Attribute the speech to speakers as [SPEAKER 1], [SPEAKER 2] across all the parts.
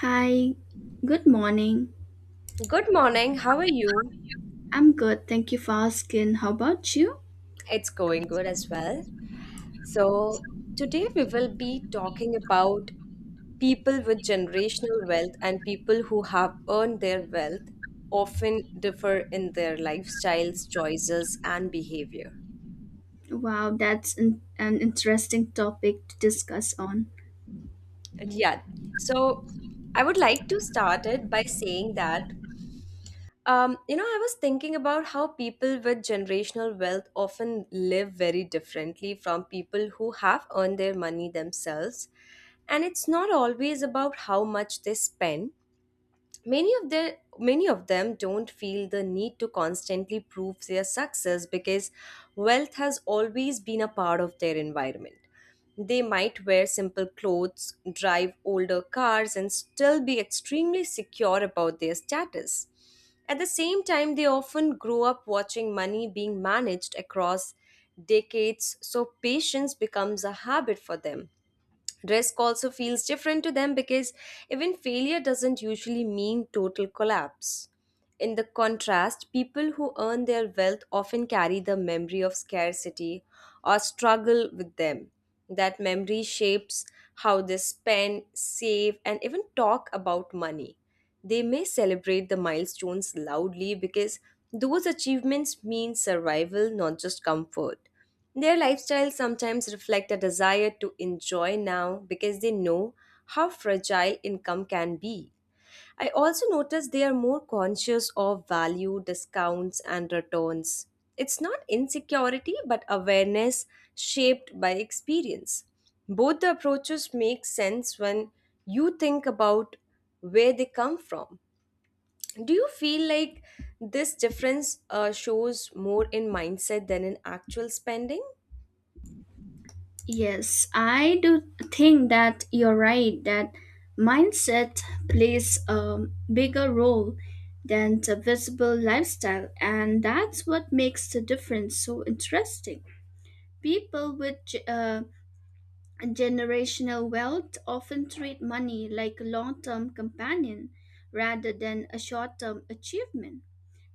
[SPEAKER 1] Hi, good morning.
[SPEAKER 2] Good morning. How are you?
[SPEAKER 1] I'm good, thank you for asking. How about you?
[SPEAKER 2] It's going good as well. So, today we will be talking about people with generational wealth and people who have earned their wealth often differ in their lifestyles, choices, and behavior.
[SPEAKER 1] Wow, that's an interesting topic to discuss on.
[SPEAKER 2] And yeah, so I would like to start it by saying that I was thinking about how people with generational wealth often live very differently from people who have earned their money themselves. And it's not always about how much they spend, many of them don't feel the need to constantly prove their success because wealth has always been a part of their environment. They might wear simple clothes, drive older cars, and still be extremely secure about their status. At the same time, they often grow up watching money being managed across decades, so patience becomes a habit for them. Risk also feels different to them because even failure doesn't usually mean total collapse. In the contrast, people who earn their wealth often carry the memory of scarcity or struggle with them. That memory shapes how they spend, save, and even talk about money. They may celebrate the milestones loudly because those achievements mean survival, not just comfort. Their lifestyles sometimes reflect a desire to enjoy now because they know how fragile income can be. I also notice they are more conscious of value, discounts, and returns. It's not insecurity but awareness shaped by experience. Both the approaches make sense when you think about where they come from. Do you feel like this difference shows more in mindset than in actual spending?
[SPEAKER 1] Yes, I do think that you're right that mindset plays a bigger role than the visible lifestyle, and that's what makes the difference so interesting. People with generational wealth often treat money like a long term companion rather than a short term achievement.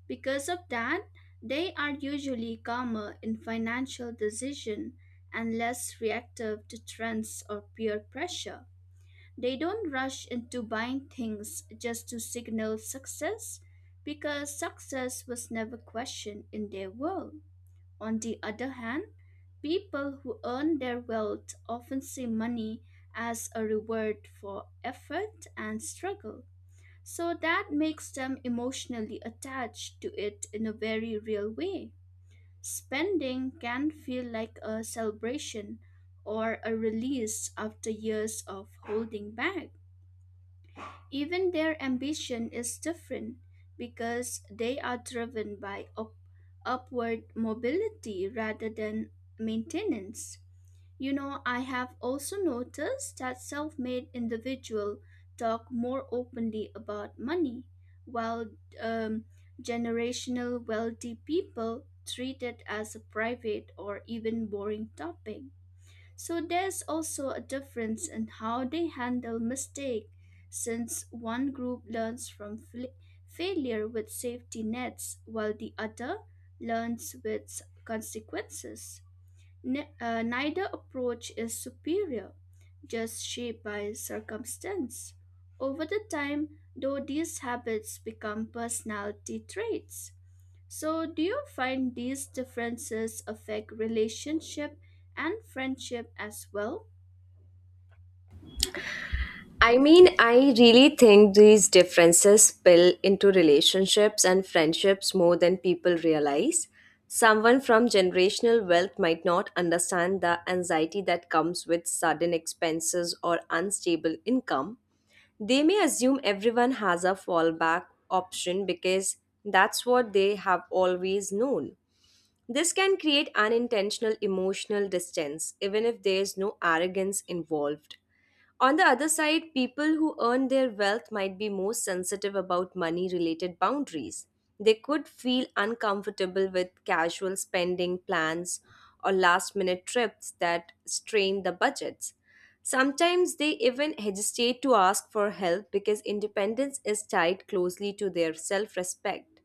[SPEAKER 1] Because of that, they are usually calmer in financial decision and less reactive to trends or peer pressure. They don't rush into buying things just to signal success because success was never questioned in their world. On the other hand, people who earn their wealth often see money as a reward for effort and struggle, so that makes them emotionally attached to it in a very real way. Spending can feel like a celebration or a release after years of holding back. Even their ambition is different because they are driven by upward mobility rather than maintenance. You know, I have also noticed that self made individuals talk more openly about money, while um, generational wealthy people treat it as a private or even boring topic. So there's also a difference in how they handle mistake, since one group learns from failure with safety nets while the other learns with consequences. Neither approach is superior, just shaped by circumstance. Over the time, though, these habits become personality traits. So, do you find these differences affect relationship and friendship as well?
[SPEAKER 2] I mean, I really think these differences spill into relationships and friendships more than people realize. Someone from generational wealth might not understand the anxiety that comes with sudden expenses or unstable income. They may assume everyone has a fallback option because that's what they have always known. This can create unintentional emotional distance, even if there is no arrogance involved. On the other side, people who earn their wealth might be more sensitive about money related boundaries. They could feel uncomfortable with casual spending plans or last minute trips that strain the budgets. Sometimes they even hesitate to ask for help because independence is tied closely to their self respect.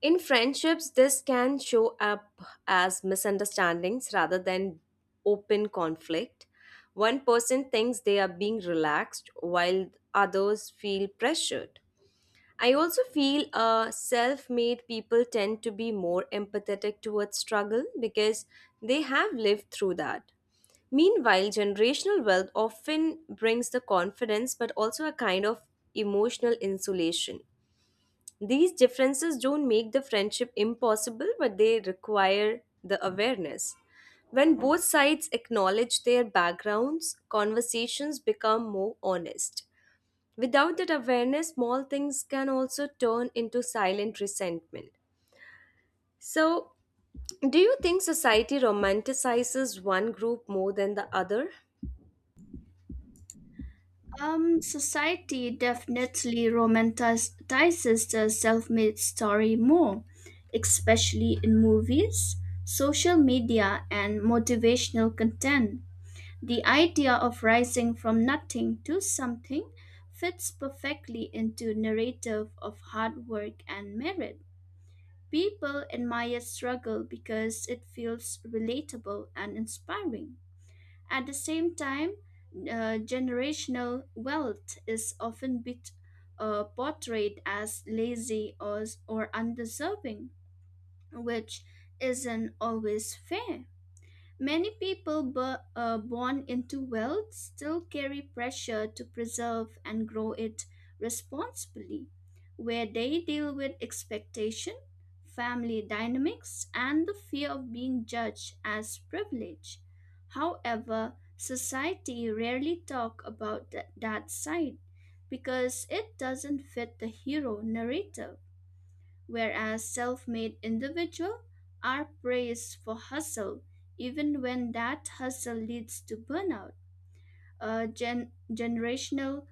[SPEAKER 2] In friendships, this can show up as misunderstandings rather than open conflict. One person thinks they are being relaxed while others feel pressured. I also feel self made people tend to be more empathetic towards struggle because they have lived through that. Meanwhile, generational wealth often brings the confidence but also a kind of emotional insulation. These differences don't make the friendship impossible, but they require the awareness. When both sides acknowledge their backgrounds, conversations become more honest. Without that awareness, small things can also turn into silent resentment. So, do you think society romanticizes one group more than the other?
[SPEAKER 1] Society definitely romanticizes the self-made story more, especially in movies, social media, and motivational content. The idea of rising from nothing to something fits perfectly into narrative of hard work and merit. People admire struggle because it feels relatable and inspiring. At the same time, generational wealth is often portrayed as lazy or undeserving, which isn't always fair. Many people born into wealth still carry pressure to preserve and grow it responsibly, where they deal with expectation, family dynamics, and the fear of being judged as privilege. However, society rarely talk about that side because it doesn't fit the hero narrative, whereas self-made individuals are praised for hustle even when that hustle leads to burnout. Generational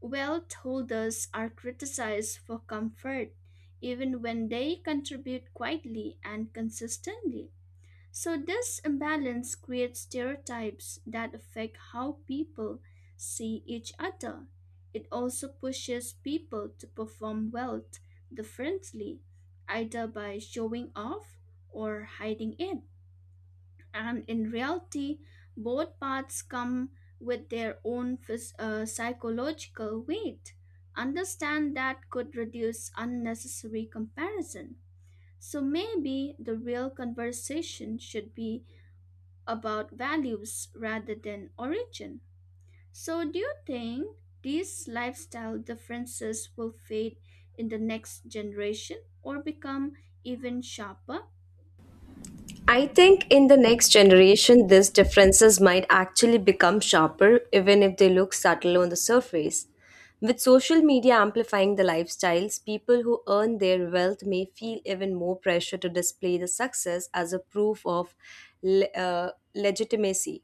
[SPEAKER 1] wealth holders are criticized for comfort even when they contribute quietly and consistently. So, this imbalance creates stereotypes that affect how people see each other. It also pushes people to perform wealth differently, either by showing off or hiding it. And in reality, both paths come with their own psychological weight. Understand that could reduce unnecessary comparison. So maybe the real conversation should be about values rather than origin. So, do you think these lifestyle differences will fade in the next generation or become even sharper?
[SPEAKER 2] I think in the next generation, these differences might actually become sharper, even if they look subtle on the surface. With social media amplifying the lifestyles, people who earn their wealth may feel even more pressure to display the success as a proof of legitimacy.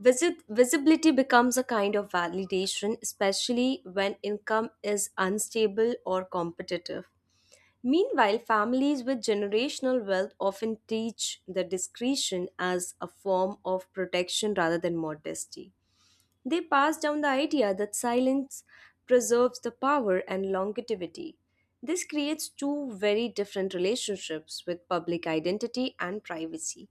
[SPEAKER 2] Visibility becomes a kind of validation, especially when income is unstable or competitive. Meanwhile, families with generational wealth often teach the discretion as a form of protection rather than modesty. They pass down the idea that silence preserves the power and longevity. This creates two very different relationships with public identity and privacy.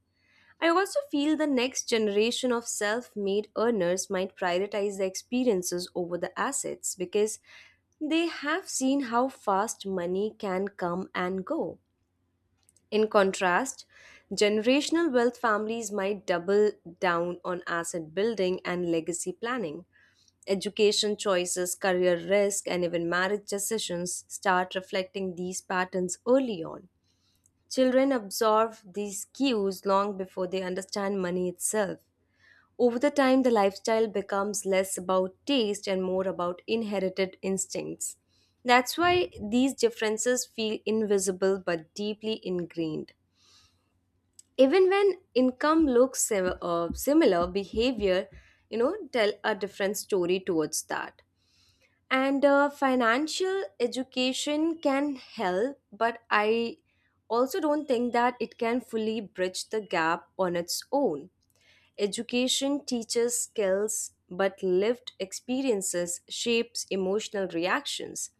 [SPEAKER 2] I also feel the next generation of self made earners might prioritize the experiences over the assets because they have seen how fast money can come and go. In contrast, generational wealth families might double down on asset building and legacy planning. Education choices, career risk, and even marriage decisions start reflecting these patterns early on. Children absorb these cues long before they understand money itself. Over the time, the lifestyle becomes less about taste and more about inherited instincts. That's why these differences feel invisible but deeply ingrained. Even when income looks similar, behavior, tell a different story towards that. And financial education can help, but I also don't think that it can fully bridge the gap on its own. Education teaches skills, but lived experiences shapes emotional reactions.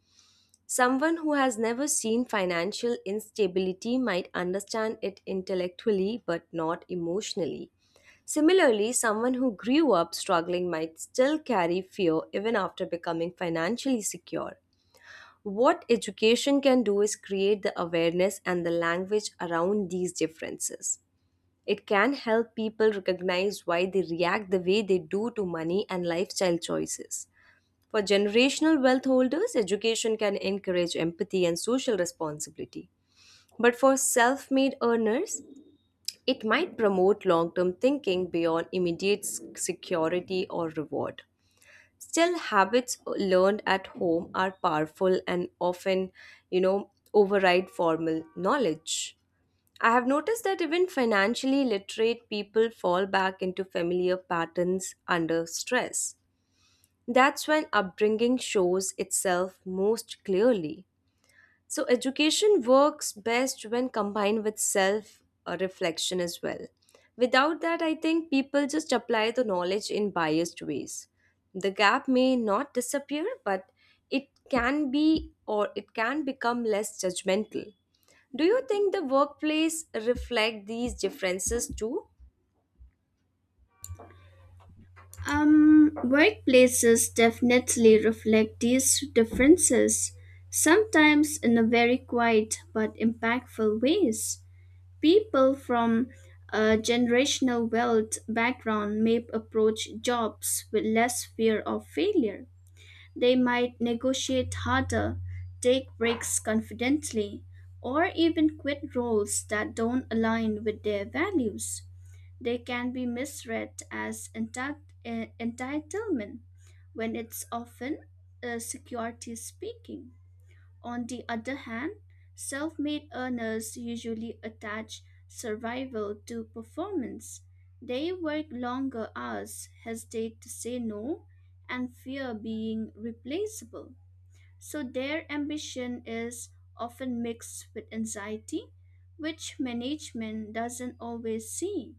[SPEAKER 2] Someone who has never seen financial instability might understand it intellectually but not emotionally. Similarly, someone who grew up struggling might still carry fear even after becoming financially secure. What education can do is create the awareness and the language around these differences. It can help people recognize why they react the way they do to money and lifestyle choices. For generational wealth holders, education can encourage empathy and social responsibility. But for self made earners, it might promote long term thinking beyond immediate security or reward. Still, habits learned at home are powerful and often, override formal knowledge. I have noticed that even financially literate people fall back into familiar patterns under stress. That's when upbringing shows itself most clearly. So, education works best when combined with self reflection as well. Without that, I think people just apply the knowledge in biased ways. The gap may not disappear, but it can be or it can become less judgmental. Do you think the workplace reflect these differences too?
[SPEAKER 1] Workplaces definitely reflect these differences, sometimes in a very quiet but impactful ways. People from a generational wealth background may approach jobs with less fear of failure. They might negotiate harder, take breaks confidently, or even quit roles that don't align with their values. They can be misread as entitlement when it's often security speaking. On the other hand, self made earners usually attach survival to performance. They work longer hours, hesitate to say no, and fear being replaceable. So their ambition is often mixed with anxiety, which management doesn't always see.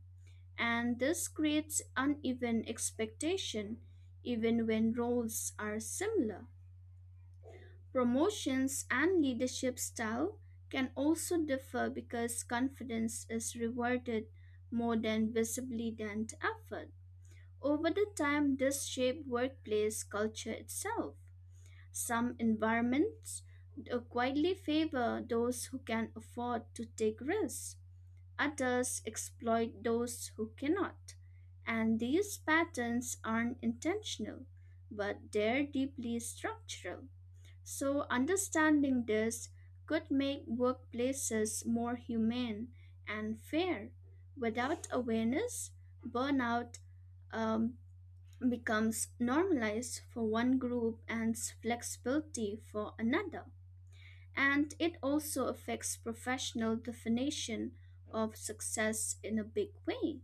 [SPEAKER 1] And this creates uneven expectation even when roles are similar. Promotions and leadership style can also differ because confidence is rewarded more than visibly than effort. Over the time, this shapes workplace culture itself. Some environments quietly favor those who can afford to take risks. Others exploit those who cannot. And these patterns aren't intentional, but they're deeply structural. So, understanding this could make workplaces more humane and fair. Without awareness, burnout um, becomes normalized for one group and flexibility for another. And it also affects professional definition of success in a big way.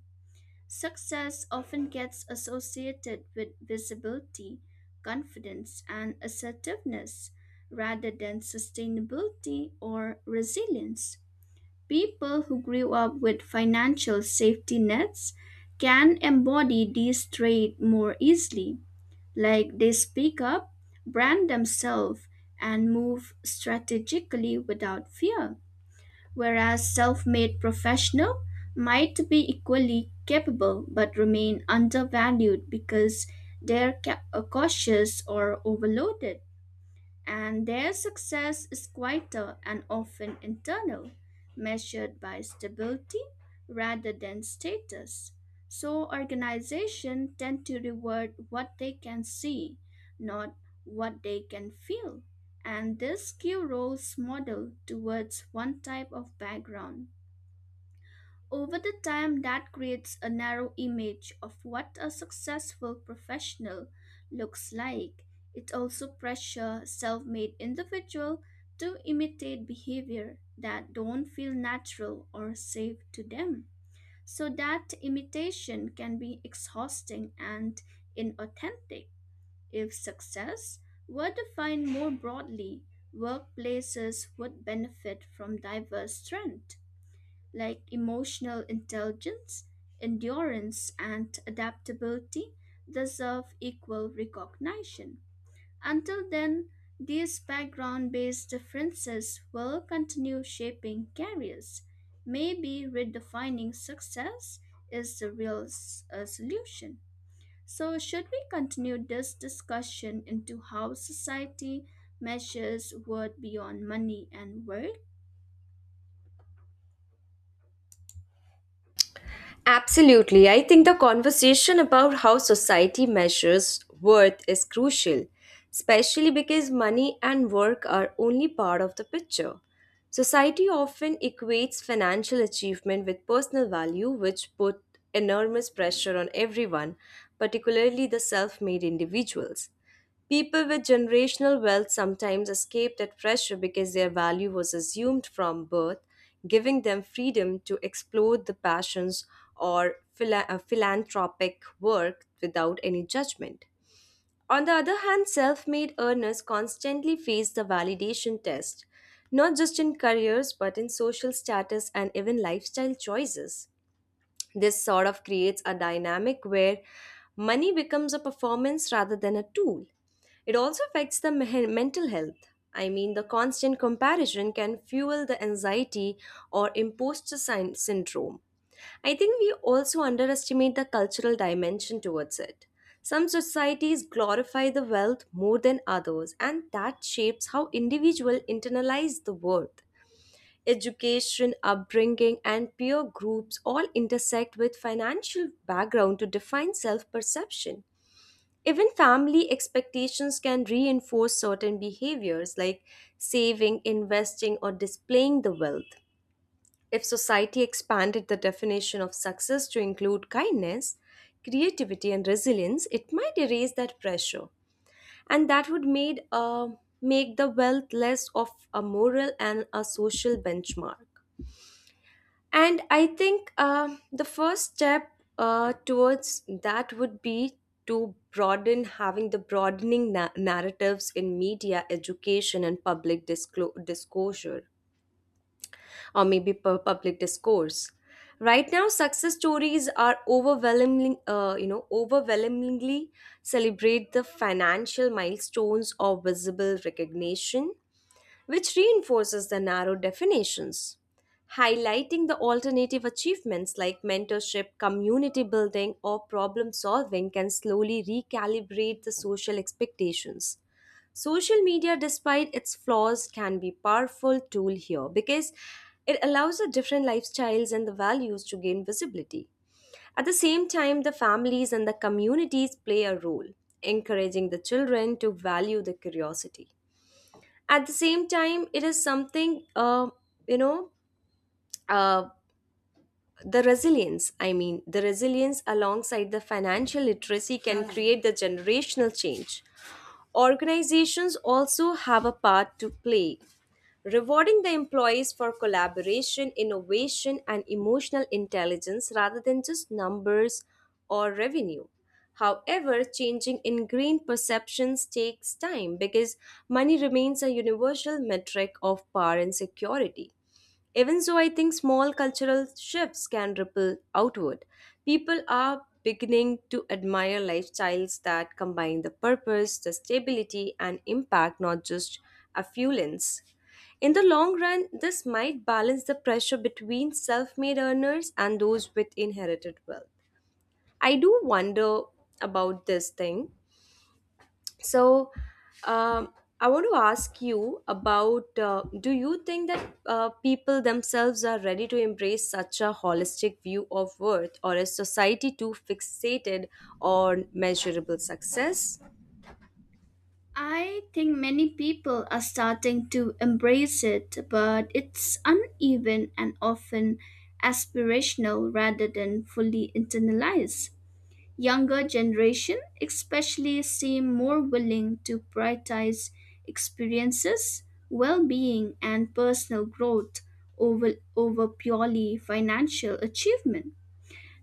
[SPEAKER 1] Success often gets associated with visibility, confidence, and assertiveness rather than sustainability or resilience. People who grew up with financial safety nets can embody these traits more easily, like they speak up, brand themselves, and move strategically without fear, whereas self made professionals might be equally capable but remain undervalued because they're cautious or overloaded, and their success is quieter and often internal, measured by stability rather than status. So organizations tend to reward what they can see, not what they can feel. And this skew roles model towards one type of background. Over the time, that creates a narrow image of what a successful professional looks like. It also pressures self made individual to imitate behavior that don't feel natural or safe to them. So that imitation can be exhausting and inauthentic. If success were defined more broadly, workplaces would benefit from diverse trends like emotional intelligence, endurance, and adaptability deserve equal recognition. Until then, these background based differences will continue shaping careers. Maybe redefining success is the real solution. So, should we continue this discussion into how society measures worth beyond money and worth?
[SPEAKER 2] Absolutely. I think the conversation about how society measures worth is crucial, especially because money and work are only part of the picture. Society often equates financial achievement with personal value, which put enormous pressure on everyone, particularly the self made individuals. People with generational wealth sometimes escape that pressure because their value was assumed from birth, giving them freedom to explore the passions or philanthropic work without any judgment. On the other hand, self made earners constantly face the validation test, not just in careers but in social status and even lifestyle choices. This sort of creates a dynamic where money becomes a performance rather than a tool. It also affects the mental health. I mean, the constant comparison can fuel the anxiety or imposter syndrome. I think we also underestimate the cultural dimension towards it. Some societies glorify the wealth more than others, and that shapes how individuals internalize the worth. Education, upbringing, and peer groups all intersect with financial background to define self perception. Even family expectations can reinforce certain behaviors like saving, investing, or displaying the wealth. If society expanded the definition of success to include kindness, creativity, and resilience, it might erase that pressure. And that would make the wealth less of a moral and a social benchmark. And I think the first step towards that would be to broaden having the broadening narratives in media, education, and public disclosure, or maybe public discourse. Right now, success stories are overwhelmingly celebrate the financial milestones or visible recognition, which reinforces the narrow definitions. Highlighting the alternative achievements like mentorship, community building, or problem solving can slowly recalibrate the social expectations. Social media, despite its flaws, can be powerful tool here because it allows the different lifestyles and the values to gain visibility. At the same time, the families and the communities play a role, encouraging the children to value the curiosity at the same time it is something you know uh, the resilience alongside the financial literacy can create the generational change. Organizations also have a part to play, rewarding the employees for collaboration, innovation, and emotional intelligence rather than just numbers or revenue. However, changing ingrained perceptions takes time because money remains a universal metric of power and security. Even so, I think small cultural shifts can ripple outward. People are beginning to admire lifestyles that combine the purpose, the stability, and impact, not just affluence. In the long run, this might balance the pressure between self made earners and those with inherited wealth. I do wonder about this thing, so, um, I want to ask you about do you think that people themselves are ready to embrace such a holistic view of worth, or is society too fixated on measurable success?
[SPEAKER 1] I think many people are starting to embrace it, but it's uneven and often aspirational rather than fully internalized. Younger generation especially seem more willing to prioritize experiences, well-being and personal growth over purely financial achievement.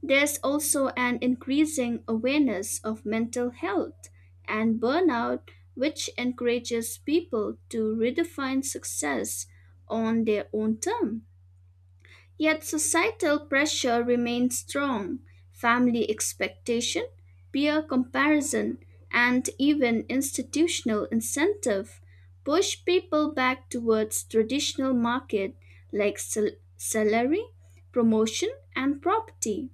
[SPEAKER 1] There's also an increasing awareness of mental health and burnout, which encourages people to redefine success on their own terms. Yet societal pressure remains strong. Family expectation, peer comparison, and even institutional incentive push people back towards traditional market like salary, promotion, and property.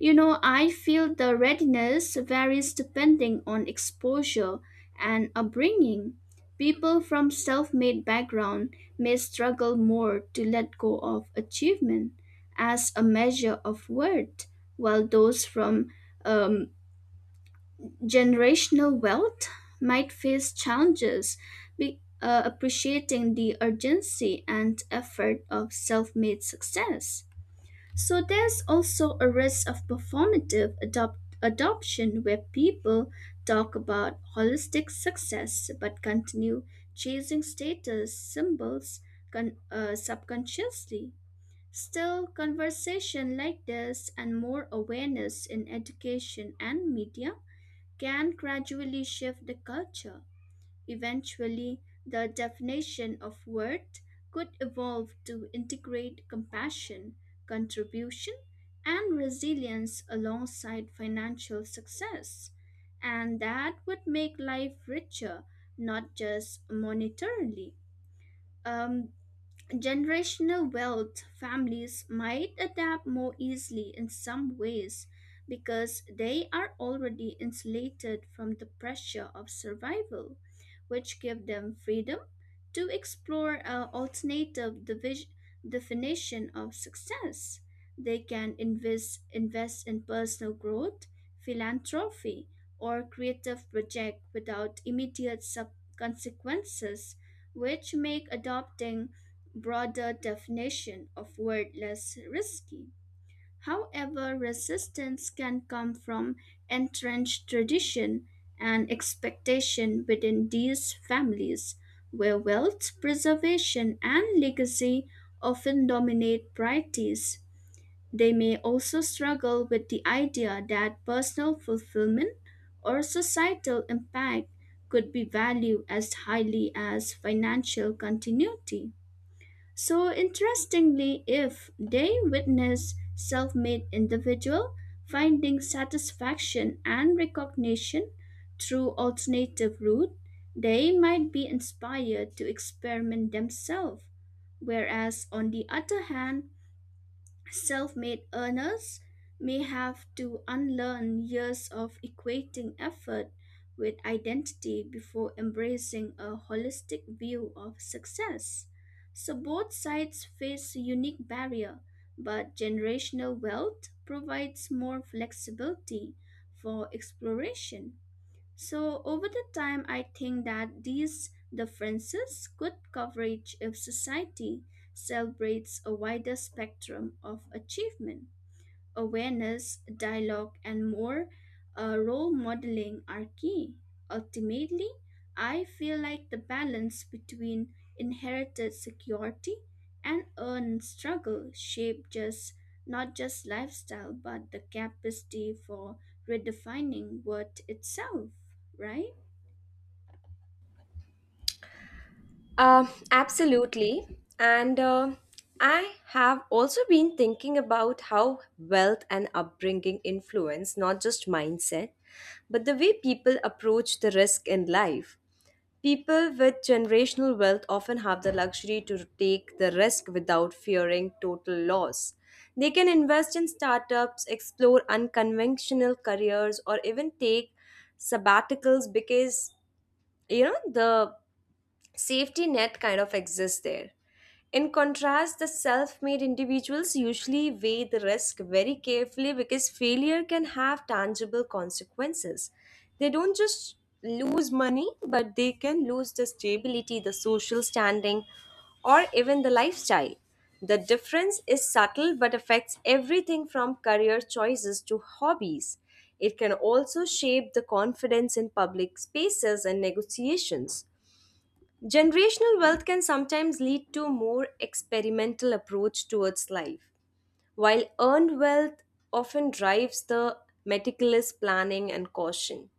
[SPEAKER 1] You know, I feel the readiness varies depending on exposure and upbringing. People from self made background may struggle more to let go of achievement as a measure of worth, while those from um, generational wealth might face challenges appreciating the urgency and effort of self made success. So there's also a risk of performative adoption where people talk about holistic success but continue chasing status symbols subconsciously. Still, conversation like this and more awareness in education and media can gradually shift the culture. Eventually, the definition of worth could evolve to integrate compassion, contribution, and resilience alongside financial success. And that would make life richer, not just monetarily. Um, Generational wealth families might adapt more easily in some ways because they are already insulated from the pressure of survival, which give them freedom to explore an alternative definition of success. They can invest in personal growth, philanthropy, or creative project without immediate consequences, which make adopting broader definition of word less risky. However, resistance can come from entrenched tradition and expectation within these families, where wealth preservation and legacy often dominate priorities. They may also struggle with the idea that personal fulfillment or societal impact could be valued as highly as financial continuity. So interestingly, if they witness self-made individual finding satisfaction and recognition through alternative route, they might be inspired to experiment themselves. Whereas on the other hand, self made earners may have to unlearn years of equating effort with identity before embracing a holistic view of success. So both sides face a unique barrier, but generational wealth provides more flexibility for exploration. So over the time, I think that these differences could coverage if society celebrates a wider spectrum of achievement awareness, dialogue, and more role modeling are key. Ultimately, I feel like the balance between inherited security and earned struggle shape just not just lifestyle but the capacity for redefining worth itself, right?
[SPEAKER 2] Uh, Absolutely. And I have also been thinking about how wealth and upbringing influence not just mindset, but the way people approach the risk in life. People with generational wealth often have the luxury to take the risk without fearing total loss. They can invest in startups, explore unconventional careers, or even take sabbaticals because you know the safety net kind of exists there. In contrast, the self made individuals usually weigh the risk very carefully because failure can have tangible consequences. They don't just lose money, but they can lose the stability, the social standing, or even the lifestyle. The difference is subtle but affects everything from career choices to hobbies. It can also shape the confidence in public spaces and negotiations. Generational wealth can sometimes lead to a more experimental approach towards life, while earned wealth often drives the meticulous planning and caution.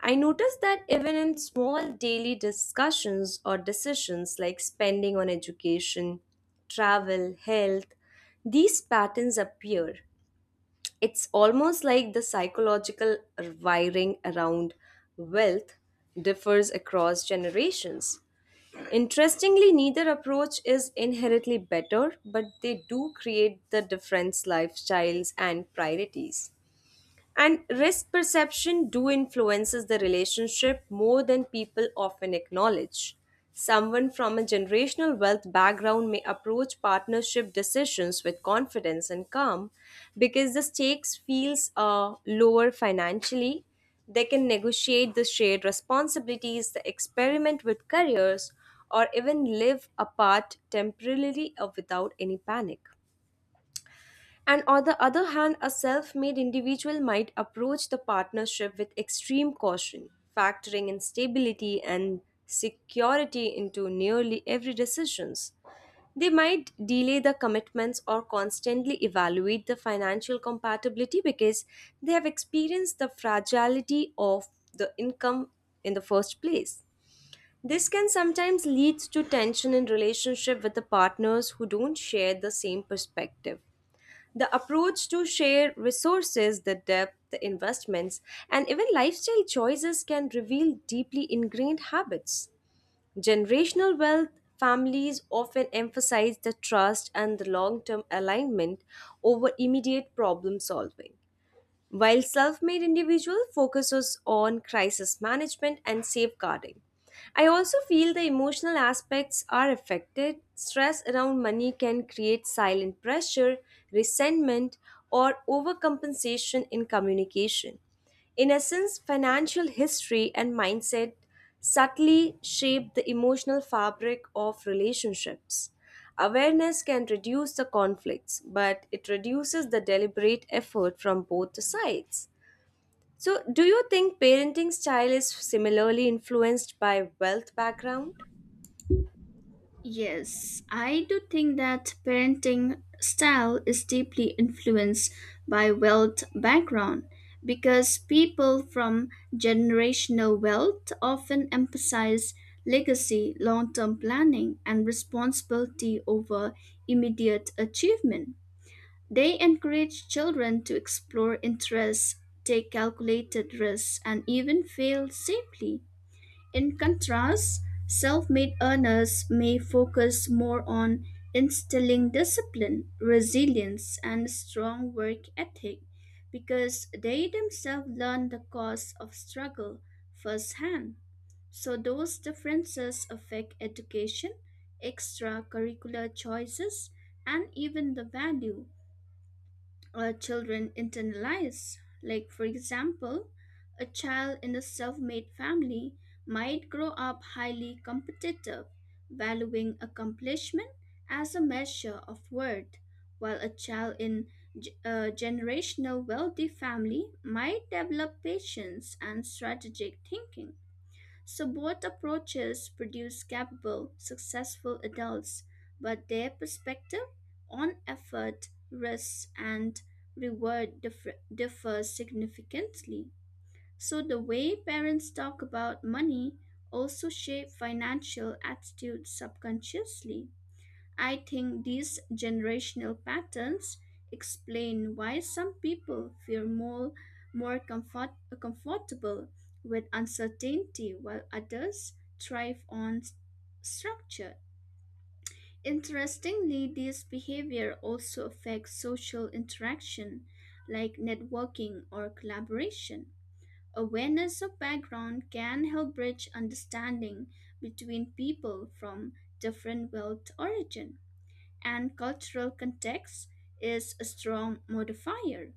[SPEAKER 2] I noticed that even in small daily discussions or decisions like spending on education, travel, health, these patterns appear. It's almost like the psychological wiring around wealth differs across generations. Interestingly, neither approach is inherently better, but they do create the different lifestyles and priorities. And risk perception do influences the relationship more than people often acknowledge. Someone from a generational wealth background may approach partnership decisions with confidence and calm because the stakes feels lower financially. They can negotiate the shared responsibilities, the experiment with careers, or even live apart temporarily or without any panic. And on the other hand, a self made individual might approach the partnership with extreme caution, factoring instability and security into nearly every decisions. They might delay the commitments or constantly evaluate the financial compatibility because they have experienced the fragility of the income in the first place. This can sometimes lead to tension in relationship with the partners who don't share the same perspective. The approach to share resources, the depth, the investments, and even lifestyle choices can reveal deeply ingrained habits. Generational wealth families often emphasize the trust and the long term alignment over immediate problem solving while self made individual focuses on crisis management and safeguarding. I also feel the emotional aspects are affected. Stress around money can create silent pressure, resentment, or overcompensation in communication. In essence, financial history and mindset subtly shape the emotional fabric of relationships. Awareness can reduce the conflicts, but it reduces the deliberate effort from both the sides. So, do you think parenting style is similarly influenced by wealth background?
[SPEAKER 1] Yes, I do think that parenting style is deeply influenced by wealth background because people from generational wealth often emphasize legacy, long term planning, and responsibility over immediate achievement. They encourage children to explore interests, take calculated risks, and even fail safely. In contrast, self made earners may focus more on instilling discipline, resilience, and strong work ethic because they themselves learn the cost of struggle firsthand. So, those differences affect education, extracurricular choices, and even the value children internalize. Like, for example, a child in a self made family might grow up highly competitive, valuing accomplishment as a measure of worth, while a child in a generational wealthy family might develop patience and strategic thinking. So both approaches produce capable, successful adults, but their perspective on effort, risk, and reward differs significantly. So the way parents talk about money also shape financial attitudes subconsciously. I think these generational patterns explain why some people feel more comfortable with uncertainty while others thrive on structure. Interestingly, this behavior also affects social interaction like networking or collaboration. Awareness of background can help bridge understanding between people from different wealth origin and cultural context is a strong modifier.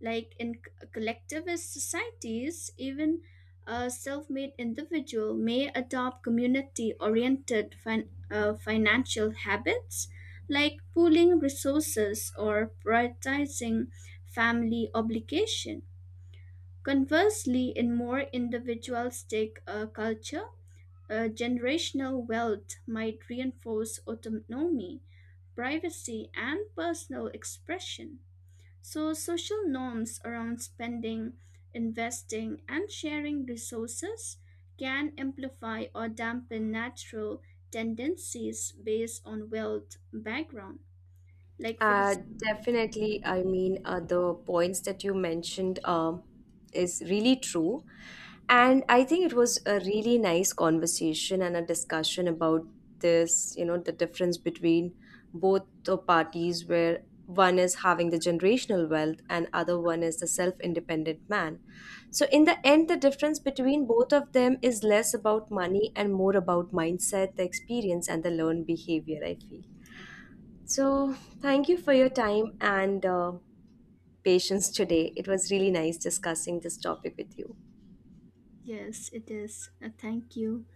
[SPEAKER 1] Like in collectivist societies, even a self made individual may adopt community oriented financial habits like pooling resources or prioritizing family obligation. Conversely, in more individualistic culture, generational wealth might reinforce autonomy privacy, and personal expression. So, social norms around spending, investing, and sharing resources can amplify or dampen natural tendencies based on wealth background. Like, for
[SPEAKER 2] Uh,
[SPEAKER 1] example,
[SPEAKER 2] Definitely. I mean, the points that you mentioned is really true. And I think it was a really nice conversation and a discussion about this, the difference between both the parties where one is having the generational wealth and other one is the self-independent man. So in the end, the difference between both of them is less about money and more about mindset, the experience and the learned behavior, I feel. So, thank you for your time and patience today. It was really nice discussing this topic with you.
[SPEAKER 1] yes, it is. Thank you.